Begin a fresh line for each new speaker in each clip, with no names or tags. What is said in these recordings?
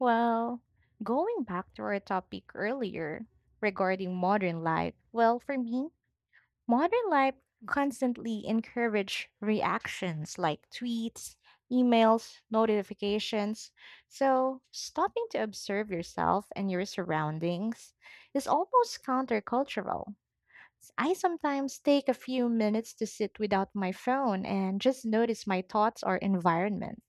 Well, going back to our topic earlier regarding modern life, well, for me, modern life constantly encourage reactions like tweets, emails, notifications. So, stopping to observe yourself and your surroundings is almost countercultural. I sometimes take a few minutes to sit without my phone and just notice my thoughts or environment.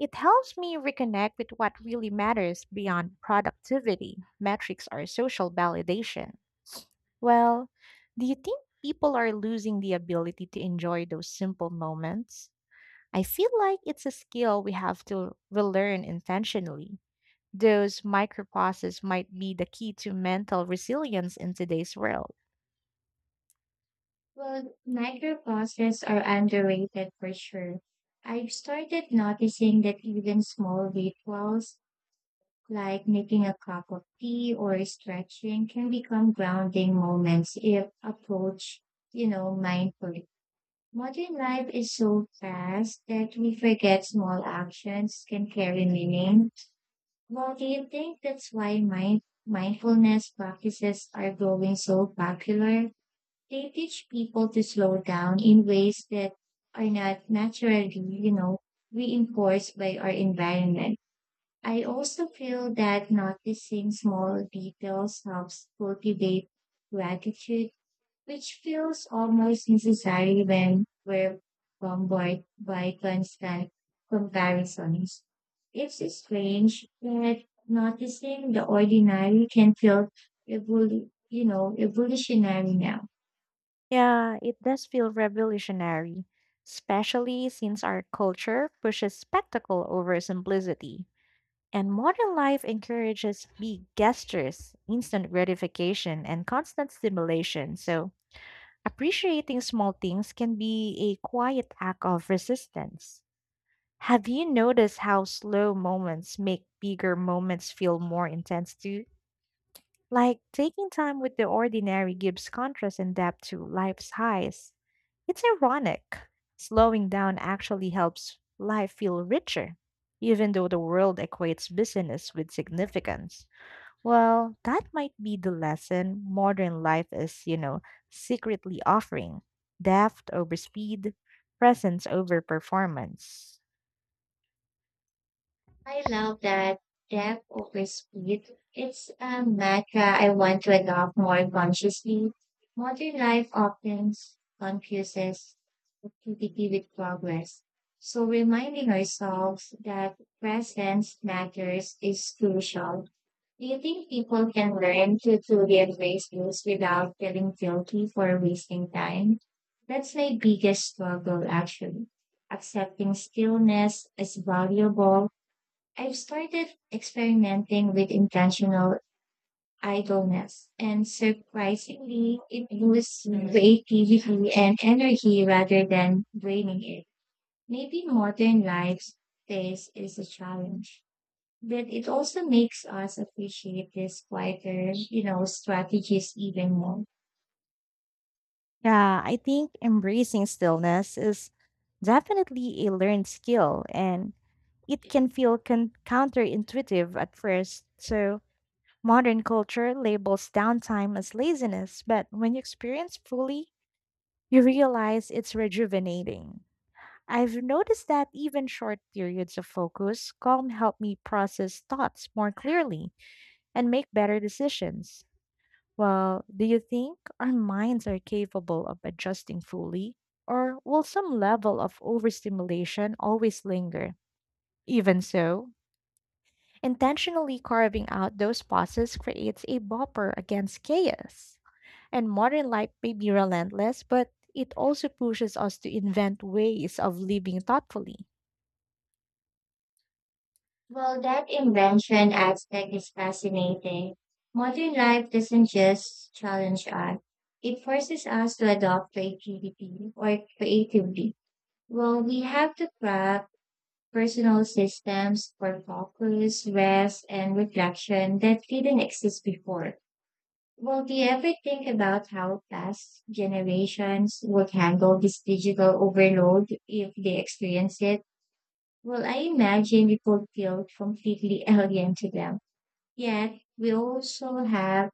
It helps me reconnect with what really matters beyond productivity, metrics, or social validation. Well, do you think people are losing the ability to enjoy those simple moments? I feel like it's a skill we have to relearn intentionally. Those micro pauses might be the key to mental resilience in today's world.
Well, micropauses are underrated for sure. I've started noticing that even small rituals, like making a cup of tea or stretching, can become grounding moments if approached, mindfully. Modern life is so fast that we forget small actions can carry meaning. Well, do you think that's why mindfulness practices are growing so popular? They teach people to slow down in ways that are not naturally, reinforced by our environment. I also feel that noticing small details helps cultivate gratitude, which feels almost necessary when we're bombarded by constant comparisons. It's strange that noticing the ordinary can feel, evolutionary now.
Yeah, it does feel revolutionary, especially since our culture pushes spectacle over simplicity. And modern life encourages big gestures, instant gratification, and constant stimulation. So, appreciating small things can be a quiet act of resistance. Have you noticed how slow moments make bigger moments feel more intense too? Like taking time with the ordinary gives contrast and depth to life's highs. It's ironic. Slowing down actually helps life feel richer, even though the world equates busyness with significance. Well, that might be the lesson modern life is, secretly offering depth over speed, presence over performance.
I love that depth over speed. It's a mantra I want to adopt more consciously. Modern life often confuses activity with progress. So reminding ourselves that presence matters is crucial. Do you think people can learn to truly embrace this without feeling guilty for wasting time? That's my biggest struggle actually. Accepting stillness is valuable. I've started experimenting with intentional idleness, and surprisingly, it boosts creativity and energy rather than draining it. Maybe modern life's pace is a challenge, but it also makes us appreciate these quieter, strategies even more.
Yeah, I think embracing stillness is definitely a learned skill and it can feel counterintuitive at first. So, modern culture labels downtime as laziness, but when you experience fully, you realize it's rejuvenating. I've noticed that even short periods of focus, calm help me process thoughts more clearly and make better decisions. Well, do you think our minds are capable of adjusting fully? Or will some level of overstimulation always linger? Even so, intentionally carving out those pauses creates a buffer against chaos. And modern life may be relentless, but it also pushes us to invent ways of living thoughtfully.
Well, that invention aspect is fascinating. Modern life doesn't just challenge us, it forces us to adopt creativity or creatively. Well, we have to craft personal systems for focus, rest, and reflection that didn't exist before. Well, do you ever think about how past generations would handle this digital overload if they experience it? Well, I imagine it would feel completely alien to them. Yet we also have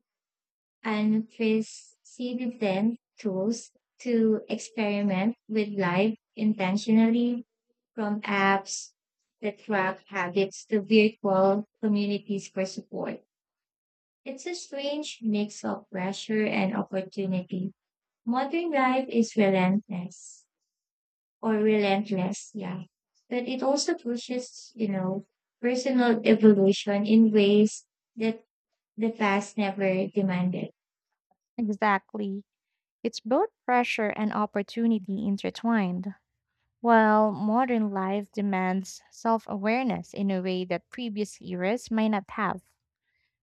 unprecedented tools to experiment with life intentionally, from apps that track habits to virtual communities for support. It's a strange mix of pressure and opportunity. Modern life is relentless, yeah. But it also pushes, personal evolution in ways that the past never demanded.
Exactly. It's both pressure and opportunity intertwined. While modern life demands self awareness in a way that previous eras might not have,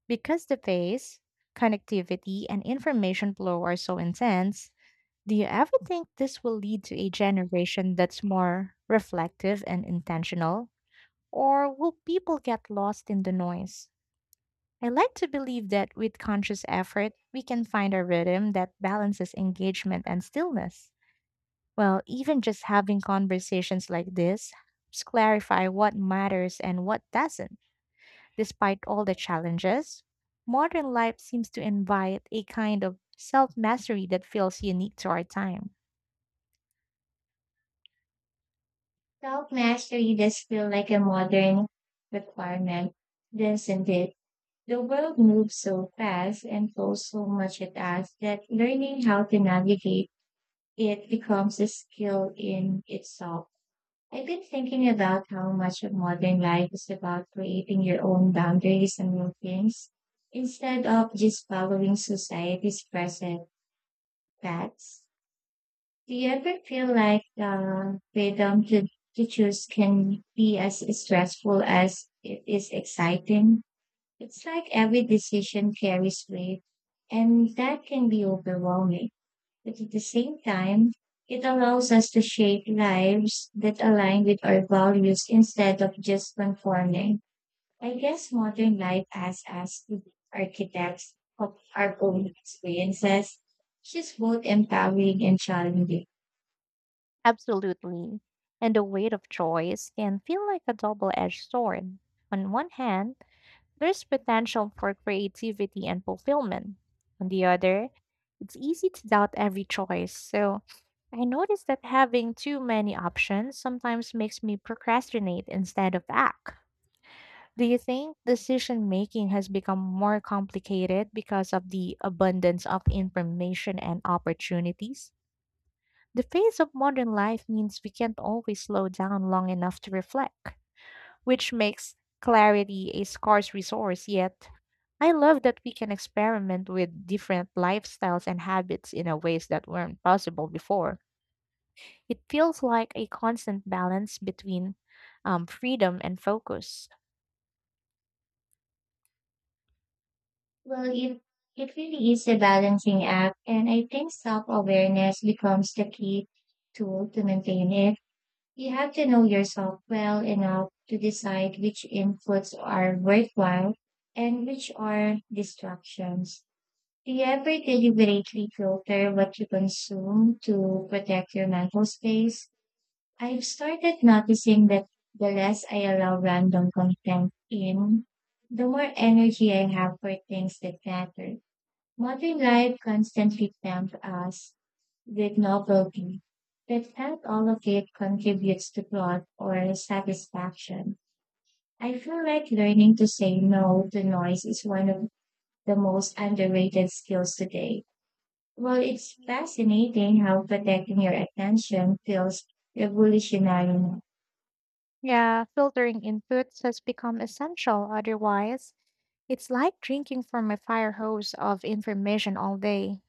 because the pace, connectivity, and information flow are so intense, do you ever think this will lead to a generation that's more reflective and intentional? Or will people get lost in the noise? I like to believe that with conscious effort, we can find a rhythm that balances engagement and stillness. Well, even just having conversations like this helps clarify what matters and what doesn't. Despite all the challenges, modern life seems to invite a kind of self mastery that feels unique to our time.
Self mastery does feel like a modern requirement, doesn't it? The world moves so fast and throws so much at us that learning how to navigate it becomes a skill in itself. I've been thinking about how much of modern life is about creating your own boundaries and routines instead of just following society's present paths. Do you ever feel like the freedom to choose can be as stressful as it is exciting? It's like every decision carries weight, and that can be overwhelming. But at the same time, it allows us to shape lives that align with our values instead of just conforming. I guess modern life asks us to be architects of our own experiences, which is both empowering and challenging.
Absolutely. And the weight of choice can feel like a double edged sword. On one hand, there's potential for creativity and fulfillment. On the other, it's easy to doubt every choice. So I noticed that having too many options sometimes makes me procrastinate instead of act. Do you think decision making has become more complicated because of the abundance of information and opportunities? The pace of modern life means we can't always slow down long enough to reflect, which makes clarity a scarce resource. Yet, I love that we can experiment with different lifestyles and habits in a ways that weren't possible before. It feels like a constant balance between freedom and focus.
Well, it really is a balancing act, and I think self awareness becomes the key tool to maintain it. You have to know yourself well enough to decide which inputs are worthwhile and which are distractions. Do you ever deliberately filter what you consume to protect your mental space? I've started noticing that the less I allow random content in, the more energy I have for things that matter. Modern life constantly tempts us with novelty, but not all of it contributes to plot or satisfaction. I feel like learning to say no to noise is one of the most underrated skills today. Well, it's fascinating how protecting your attention feels revolutionary now.
Yeah, filtering inputs has become essential. Otherwise, it's like drinking from a fire hose of information all day.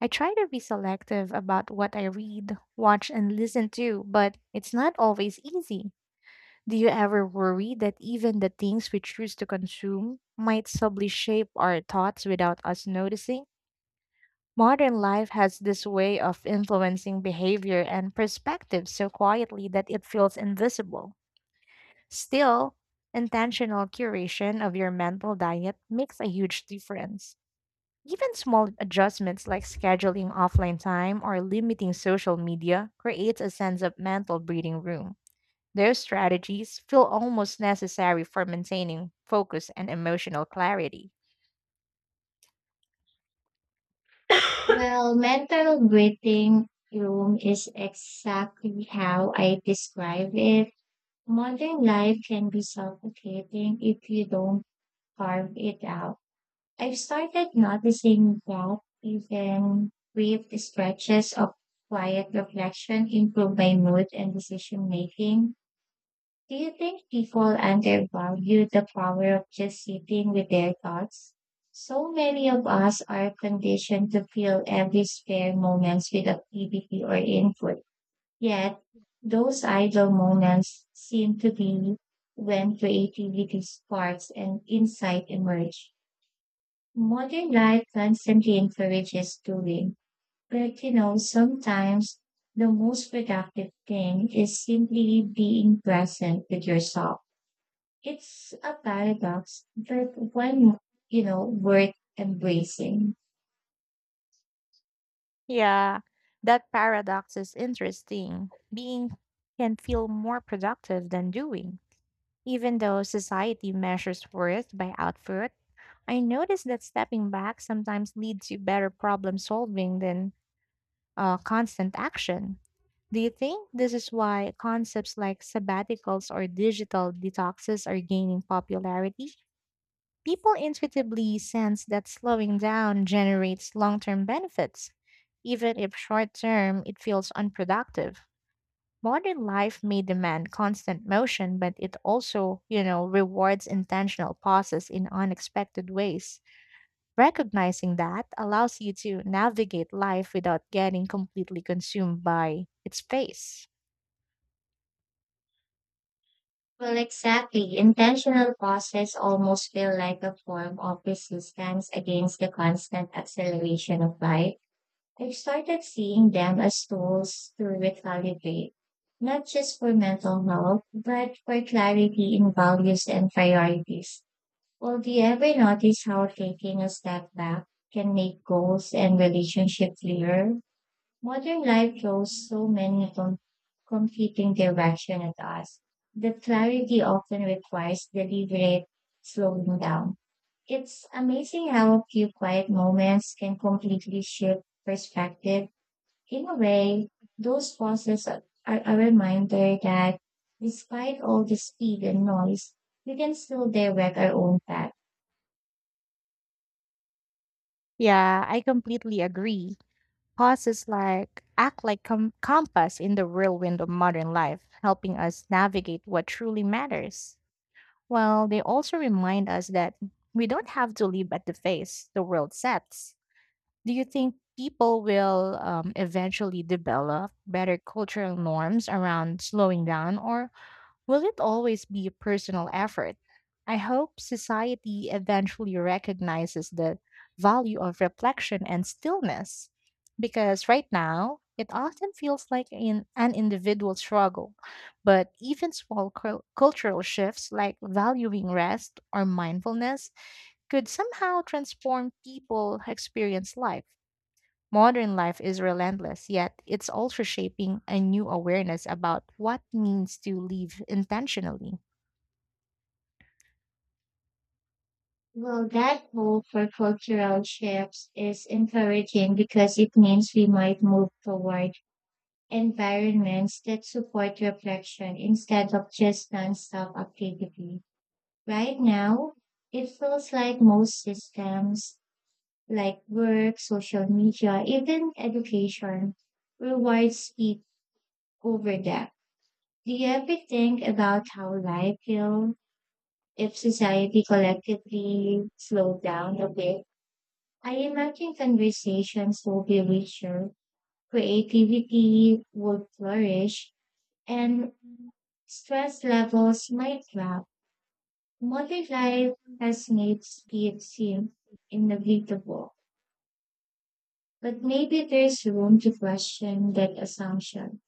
I try to be selective about what I read, watch, and listen to, but it's not always easy. Do you ever worry that even the things we choose to consume might subtly shape our thoughts without us noticing? Modern life has this way of influencing behavior and perspective so quietly that it feels invisible. Still, intentional curation of your mental diet makes a huge difference. Even small adjustments like scheduling offline time or limiting social media creates a sense of mental breathing room. Those strategies feel almost necessary for maintaining focus and emotional clarity.
Well, mental breathing room is exactly how I describe it. Modern life can be suffocating if you don't carve it out. I've started noticing that even brief stretches of quiet reflection improve my mood and decision making. Do you think people undervalue the power of just sitting with their thoughts? So many of us are conditioned to fill every spare moment with activity or input. Yet, those idle moments seem to be when creativity sparks and insight emerge. Modern life constantly encourages doing, but sometimes the most productive thing is simply being present with yourself. It's a paradox, but one, worth embracing.
Yeah, that paradox is interesting. Being can feel more productive than doing. Even though society measures worth by output, I notice that stepping back sometimes leads to better problem solving than constant action. Do you think this is why concepts like sabbaticals or digital detoxes are gaining popularity? People intuitively sense that slowing down generates long term benefits. Even if short term, it feels unproductive. Modern life may demand constant motion, but it also, rewards intentional pauses in unexpected ways. Recognizing that allows you to navigate life without getting completely consumed by its pace.
Well, exactly. Intentional pauses almost feel like a form of resistance against the constant acceleration of life. I've started seeing them as tools to recalibrate, not just for mental health, but for clarity in values and priorities. Well, do you ever notice how taking a step back can make goals and relationships clearer? Modern life throws so many competing directions at us that clarity often requires deliberate slowing down. It's amazing how a few quiet moments can completely shift perspective. In a way, those pauses are a reminder that despite all the speed and noise, we can still direct our own path.
Yeah, I completely agree. Pauses like act like compass in the whirlwind of modern life, helping us navigate what truly matters. Well, they also remind us that we don't have to live at the pace the world sets. Do you think people will eventually develop better cultural norms around slowing down, or will it always be a personal effort? I hope society eventually recognizes the value of reflection and stillness because right now it often feels like in an individual struggle. But even small cultural shifts like valuing rest or mindfulness could somehow transform people who experience life. Modern life is relentless, yet it's also shaping a new awareness about what means to live intentionally.
Well, that hope for cultural shifts is encouraging because it means we might move toward environments that support reflection instead of just nonstop activity. Right now, it feels like most systems, like work, social media, even education, reward speed over depth. Do you ever think about how life will if society collectively slowed down a bit? I imagine conversations will be richer, creativity would flourish, and stress levels might drop. Modern life has made speed seem inevitable, but maybe there's room to question that assumption.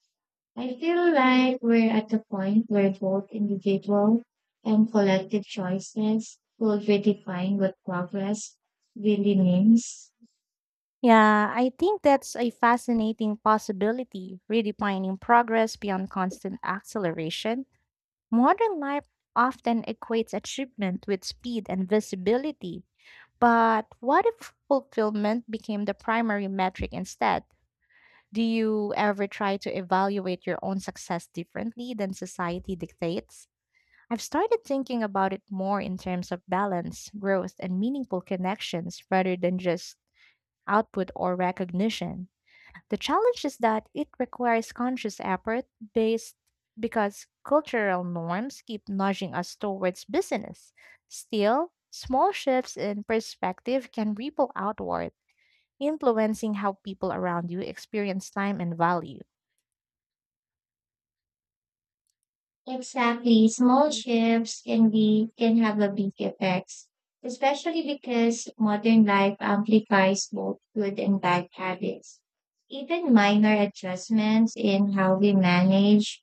I feel like we're at the point where both individual and collective choices will redefine what progress really means.
Yeah, I think that's a fascinating possibility, redefining progress beyond constant acceleration. Modern life often equates achievement with speed and visibility. But what if fulfillment became the primary metric instead? Do you ever try to evaluate your own success differently than society dictates? I've started thinking about it more in terms of balance, growth, and meaningful connections rather than just output or recognition. The challenge is that it requires conscious effort based because cultural norms keep nudging us towards business. Still, small shifts in perspective can ripple outward, influencing how people around you experience time and value.
Exactly. Small shifts can have a big effects, especially because modern life amplifies both good and bad habits. Even minor adjustments in how we manage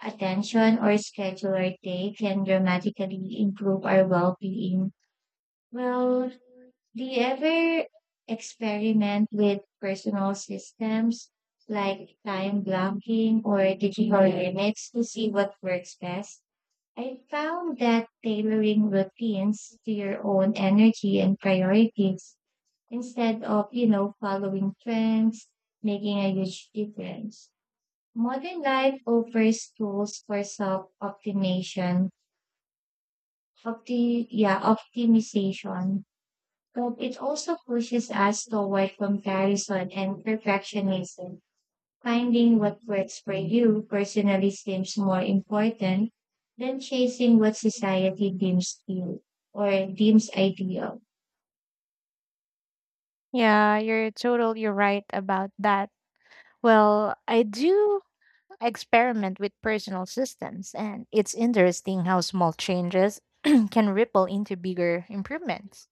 attention or schedule our day can dramatically improve our well-being. Well, do you ever experiment with personal systems like time blocking or digital limits to see what works best? I found that tailoring routines to your own energy and priorities instead of, following trends, making a huge difference. Modern life offers tools for self-optimization, optimization, but it also pushes us toward comparison and perfectionism. Finding what
Mhm.
works for you personally seems more important than chasing what society deems cute or deems ideal.
Yeah, you're totally right about that. Well, I experiment with personal systems, and it's interesting how small changes can ripple into bigger improvements.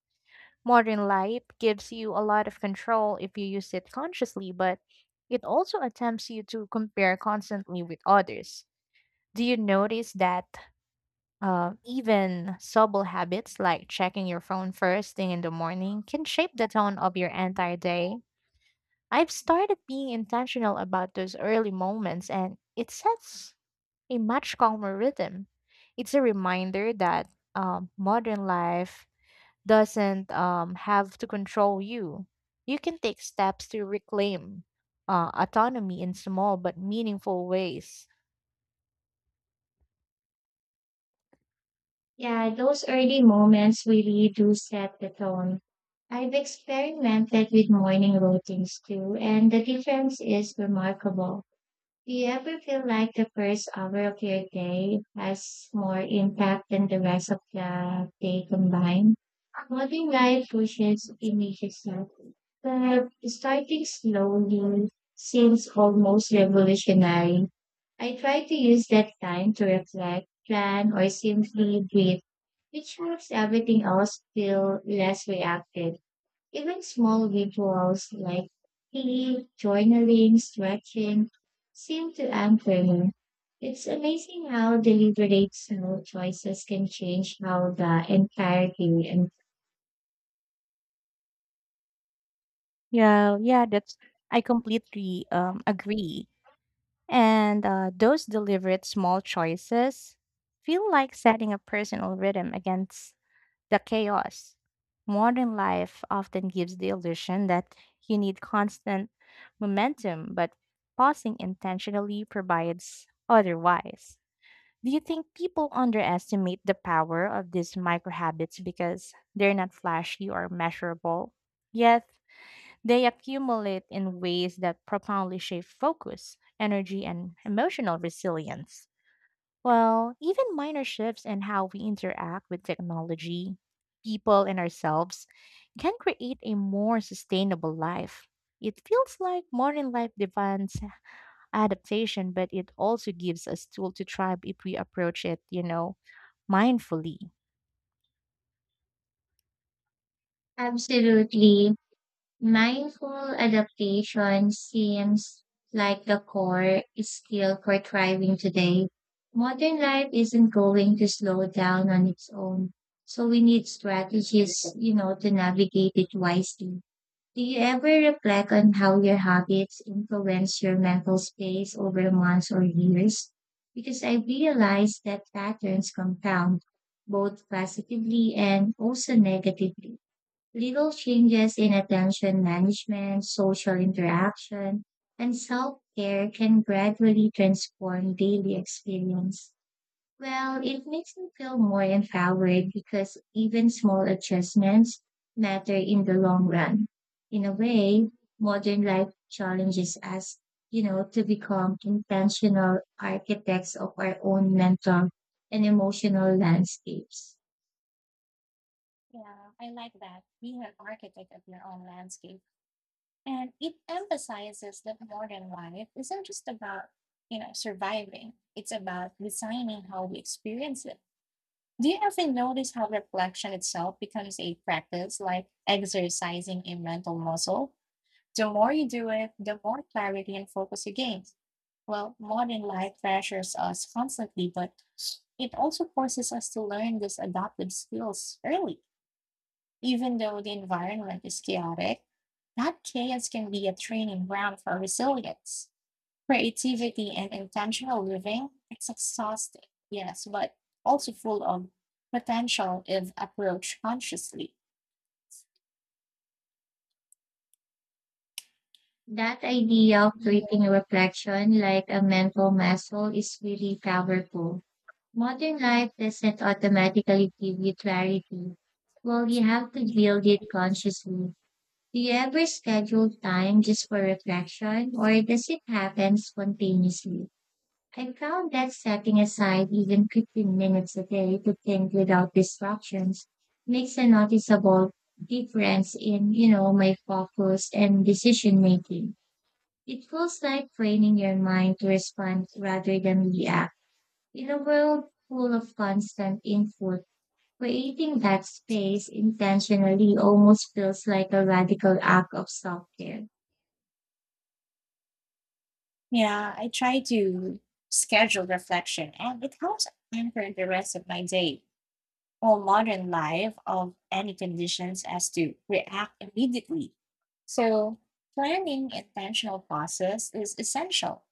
Modern life gives you a lot of control if you use it consciously, but it also attempts you to compare constantly with others. Do you notice that even subtle habits like checking your phone first thing in the morning can shape the tone of your entire day? I've started being intentional about those early moments, and it sets a much calmer rhythm. It's a reminder that modern life doesn't have to control you. You can take steps to reclaim autonomy in small but meaningful ways.
Yeah, those early moments really do set the tone. I've experimented with morning routines too, and the difference is remarkable. Do you ever feel like the first hour of your day has more impact than the rest of the day combined? Modern life pushes images up, but starting slowly seems almost revolutionary. I try to use that time to reflect, plan, or simply breathe, which makes everything else feel less reactive. Even small rituals like tea, journaling, stretching seem to anchor her. It's amazing how deliberate small choices can change how the entire day and.
Yeah, yeah, that's I completely agree. And those deliberate small choices feel like setting a personal rhythm against the chaos. Modern life often gives the illusion that you need constant momentum, but pausing intentionally provides otherwise. Do you think people underestimate the power of these micro habits because they're not flashy or measurable? Yet, they accumulate in ways that profoundly shape focus, energy, and emotional resilience. Well, even minor shifts in how we interact with technology, people, and ourselves can create a more sustainable life. It feels like modern life demands adaptation, but it also gives us tools to thrive if we approach it, mindfully.
Absolutely mindful adaptation seems like the core skill for thriving today. Modern life isn't going to slow down on its own, so we need strategies, to navigate it wisely. Do you ever reflect on how your habits influence your mental space over months or years? Because I realize that patterns compound both positively and also negatively. Little changes in attention management, social interaction, and self care can gradually transform daily experience. Well, it makes me feel more empowered because even small adjustments matter in the long run. In a way, modern life challenges us, to become intentional architects of our own mental and emotional landscapes.
Yeah, I like that. Being an architect of your own landscape. And it emphasizes that modern life isn't just about, surviving. It's about designing how we experience it. Do you ever notice how reflection itself becomes a practice, like exercising a mental muscle? The more you do it, the more clarity and focus you gain. Well, modern life pressures us constantly, but it also forces us to learn these adaptive skills early. Even though the environment is chaotic, that chaos can be a training ground for resilience. Creativity and intentional living, it's exhausting, yes, but also full of potential if approached consciously.
That idea of
Yeah.
treating reflection like a mental muscle is really powerful. Modern life doesn't automatically give you clarity. Well, you have to build it consciously. Do you ever schedule time just for reflection, or does it happen spontaneously? I found that setting aside even 15 minutes a day to think without distractions makes a noticeable difference in, my focus and decision making. It feels like training your mind to respond rather than react. In a world full of constant input, creating that space intentionally almost feels like a radical act of self-care.
Yeah, I try to schedule reflection and it helps anchor the rest of my day or modern life of any conditions as to react immediately. So planning intentional process is essential.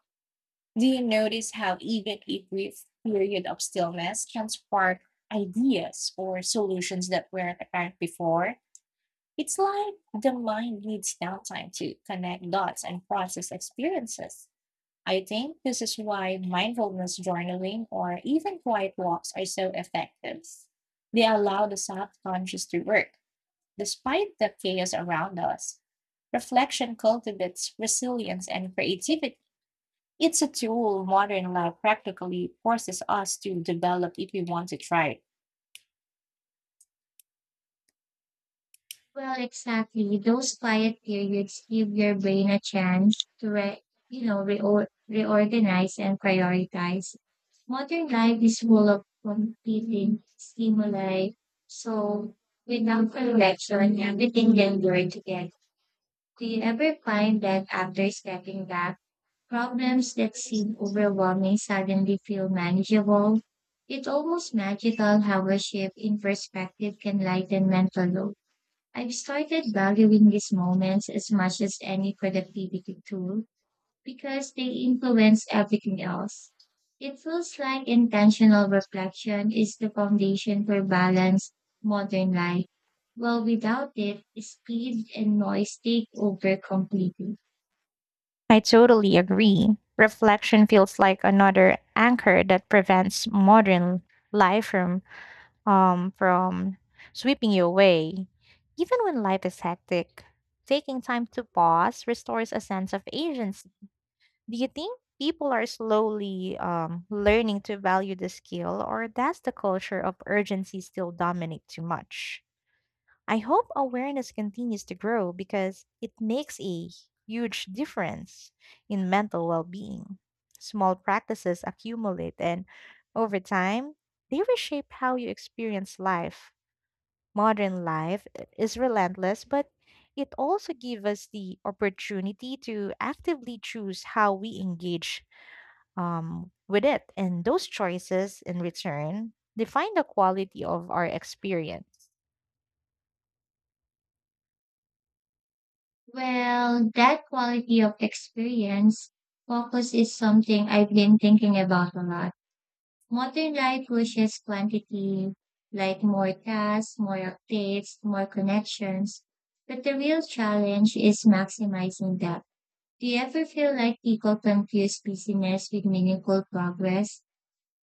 Do you notice how even a brief period of stillness can spark ideas or solutions that weren't apparent before? It's like the mind needs downtime to connect dots and process experiences. I think this is why mindfulness journaling or even quiet walks are so effective. They allow the subconscious to work despite the chaos around us. Reflection cultivates resilience and creativity it's a tool modern life practically forces us to develop if we want it right.
Well, exactly. Those quiet periods give your brain a chance to re, you know, reor- reorganize and prioritize. Modern life is full of competing stimuli, so without correction, everything can blur together. Do you ever find that after stepping back, problems that seem overwhelming suddenly feel manageable? It's almost magical how a shift in perspective can lighten mental load. I've started valuing these moments as much as any productivity tool because they influence everything else. It feels like intentional reflection is the foundation for balanced modern life. Well, without it, speed and noise take over completely.
I totally agree. Reflection feels like another anchor that prevents modern life from sweeping you away. Even when life is hectic, taking time to pause restores a sense of agency. Do you think people are slowly learning to value the skill, or does the culture of urgency still dominate too much? I hope awareness continues to grow because it makes a huge difference in mental well being. Small practices accumulate, and over time, they reshape how you experience life. Modern life is relentless, but it also gives us the opportunity to actively choose how we engage with it. And those choices, in return, define the quality of our experience.
Well, that quality of experience focus is something I've been thinking about a lot. Modern life pushes quantity, like more tasks, more updates, more connections. But the real challenge is maximizing that. Do you ever feel like people confuse busyness with meaningful progress?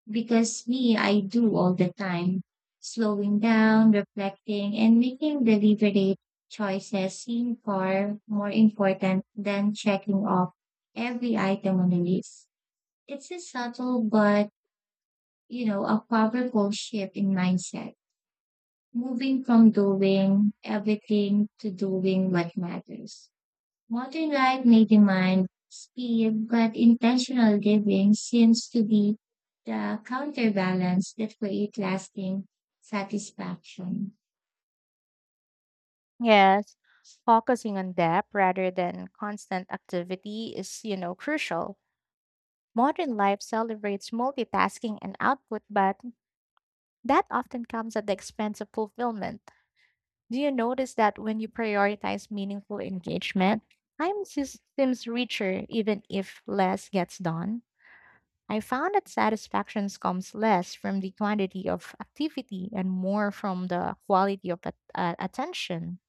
Because me, I do all the time. Slowing down, reflecting, and making deliberate choices seem far more important than checking off every item on the list. It's a subtle but a powerful shift in mindset, moving from doing everything to doing what matters. Modern life may demand speed, but intentional living seems to be the counterbalance that creates lasting satisfaction.
Yes, focusing on depth rather than constant activity is, crucial. Modern life celebrates multitasking and output, but that often comes at the expense of fulfillment. Do you notice that when you prioritize meaningful engagement, time seems richer even if less gets done? I found that satisfaction comes less from the quantity of activity and more from the quality of attention.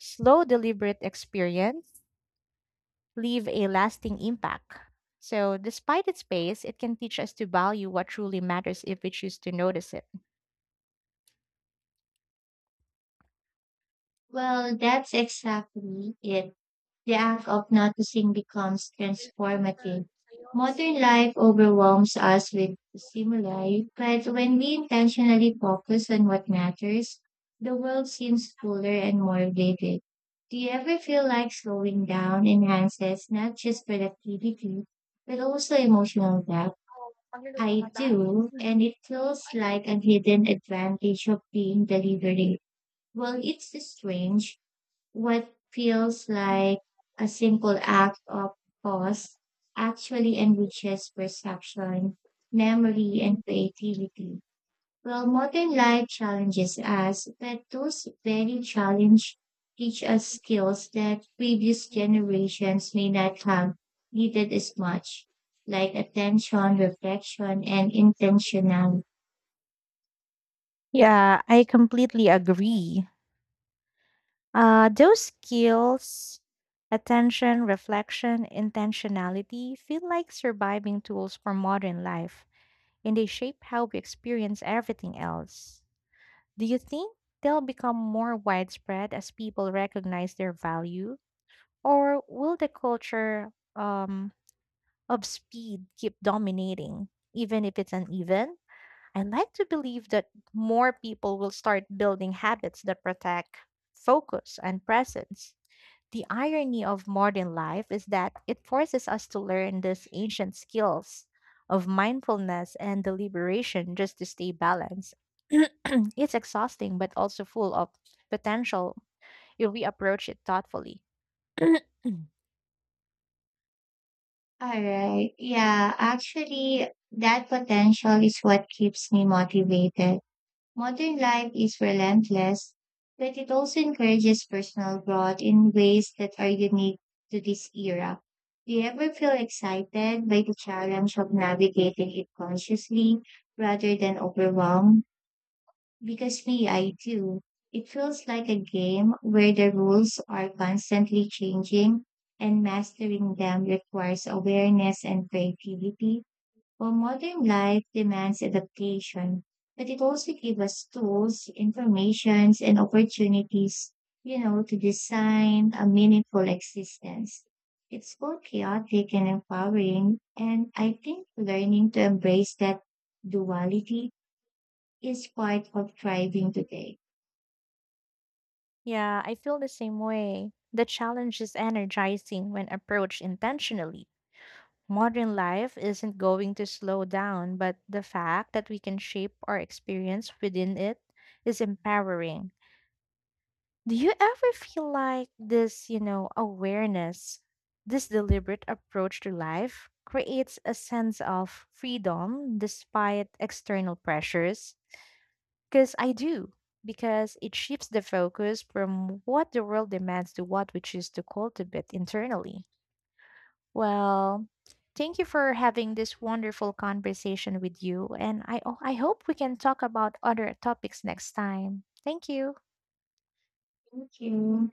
Slow, deliberate experience leave a lasting impact. So, despite its pace, it can teach us to value what truly matters if we choose to notice it.
Well, that's exactly it. The act of noticing becomes transformative. Modern life overwhelms us with stimuli, but when we intentionally focus on what matters, the world seems fuller and more vivid. Do you ever feel like slowing down enhances not just productivity, but also emotional depth? I do, and it feels like a hidden advantage of being deliberate. Well, it's strange what feels like a simple act of pause actually enriches perception, memory, and creativity. Well, modern life challenges us, but those very challenge teach us skills that previous generations may not have needed as much, like attention, reflection, and intentionality.
Yeah, I completely agree. Those skills, attention, reflection, intentionality, feel like surviving tools for modern life, and they shape how we experience everything else. Do you think they'll become more widespread as people recognize their value, or will the culture of speed keep dominating, even if it's uneven? I like to believe that more people will start building habits that protect focus and presence. The irony of modern life is that it forces us to learn these ancient skills of mindfulness and deliberation just to stay balanced. It's exhausting, but also full of potential if we approach it thoughtfully.
All right. Yeah, actually, that potential is what keeps me motivated. Modern life is relentless, but it also encourages personal growth in ways that are unique to this era. Do you ever feel excited by the challenge of navigating it consciously rather than overwhelmed? Because me, I do. It feels like a game where the rules are constantly changing and mastering them requires awareness and creativity. Well, modern life demands adaptation, but it also gives us tools, informations, and opportunities, to design a meaningful existence. It's both chaotic and empowering, and I think learning to embrace that duality is part of thriving today.
Yeah, I feel the same way. The challenge is energizing when approached intentionally. Modern life isn't going to slow down, but the fact that we can shape our experience within it is empowering. Do you ever feel like this, awareness, this deliberate approach to life creates a sense of freedom despite external pressures? Because I do, because it shifts the focus from what the world demands to what we choose to cultivate internally. Well, thank you for having this wonderful conversation with you, and I hope we can talk about other topics next time. Thank you.
Thank you.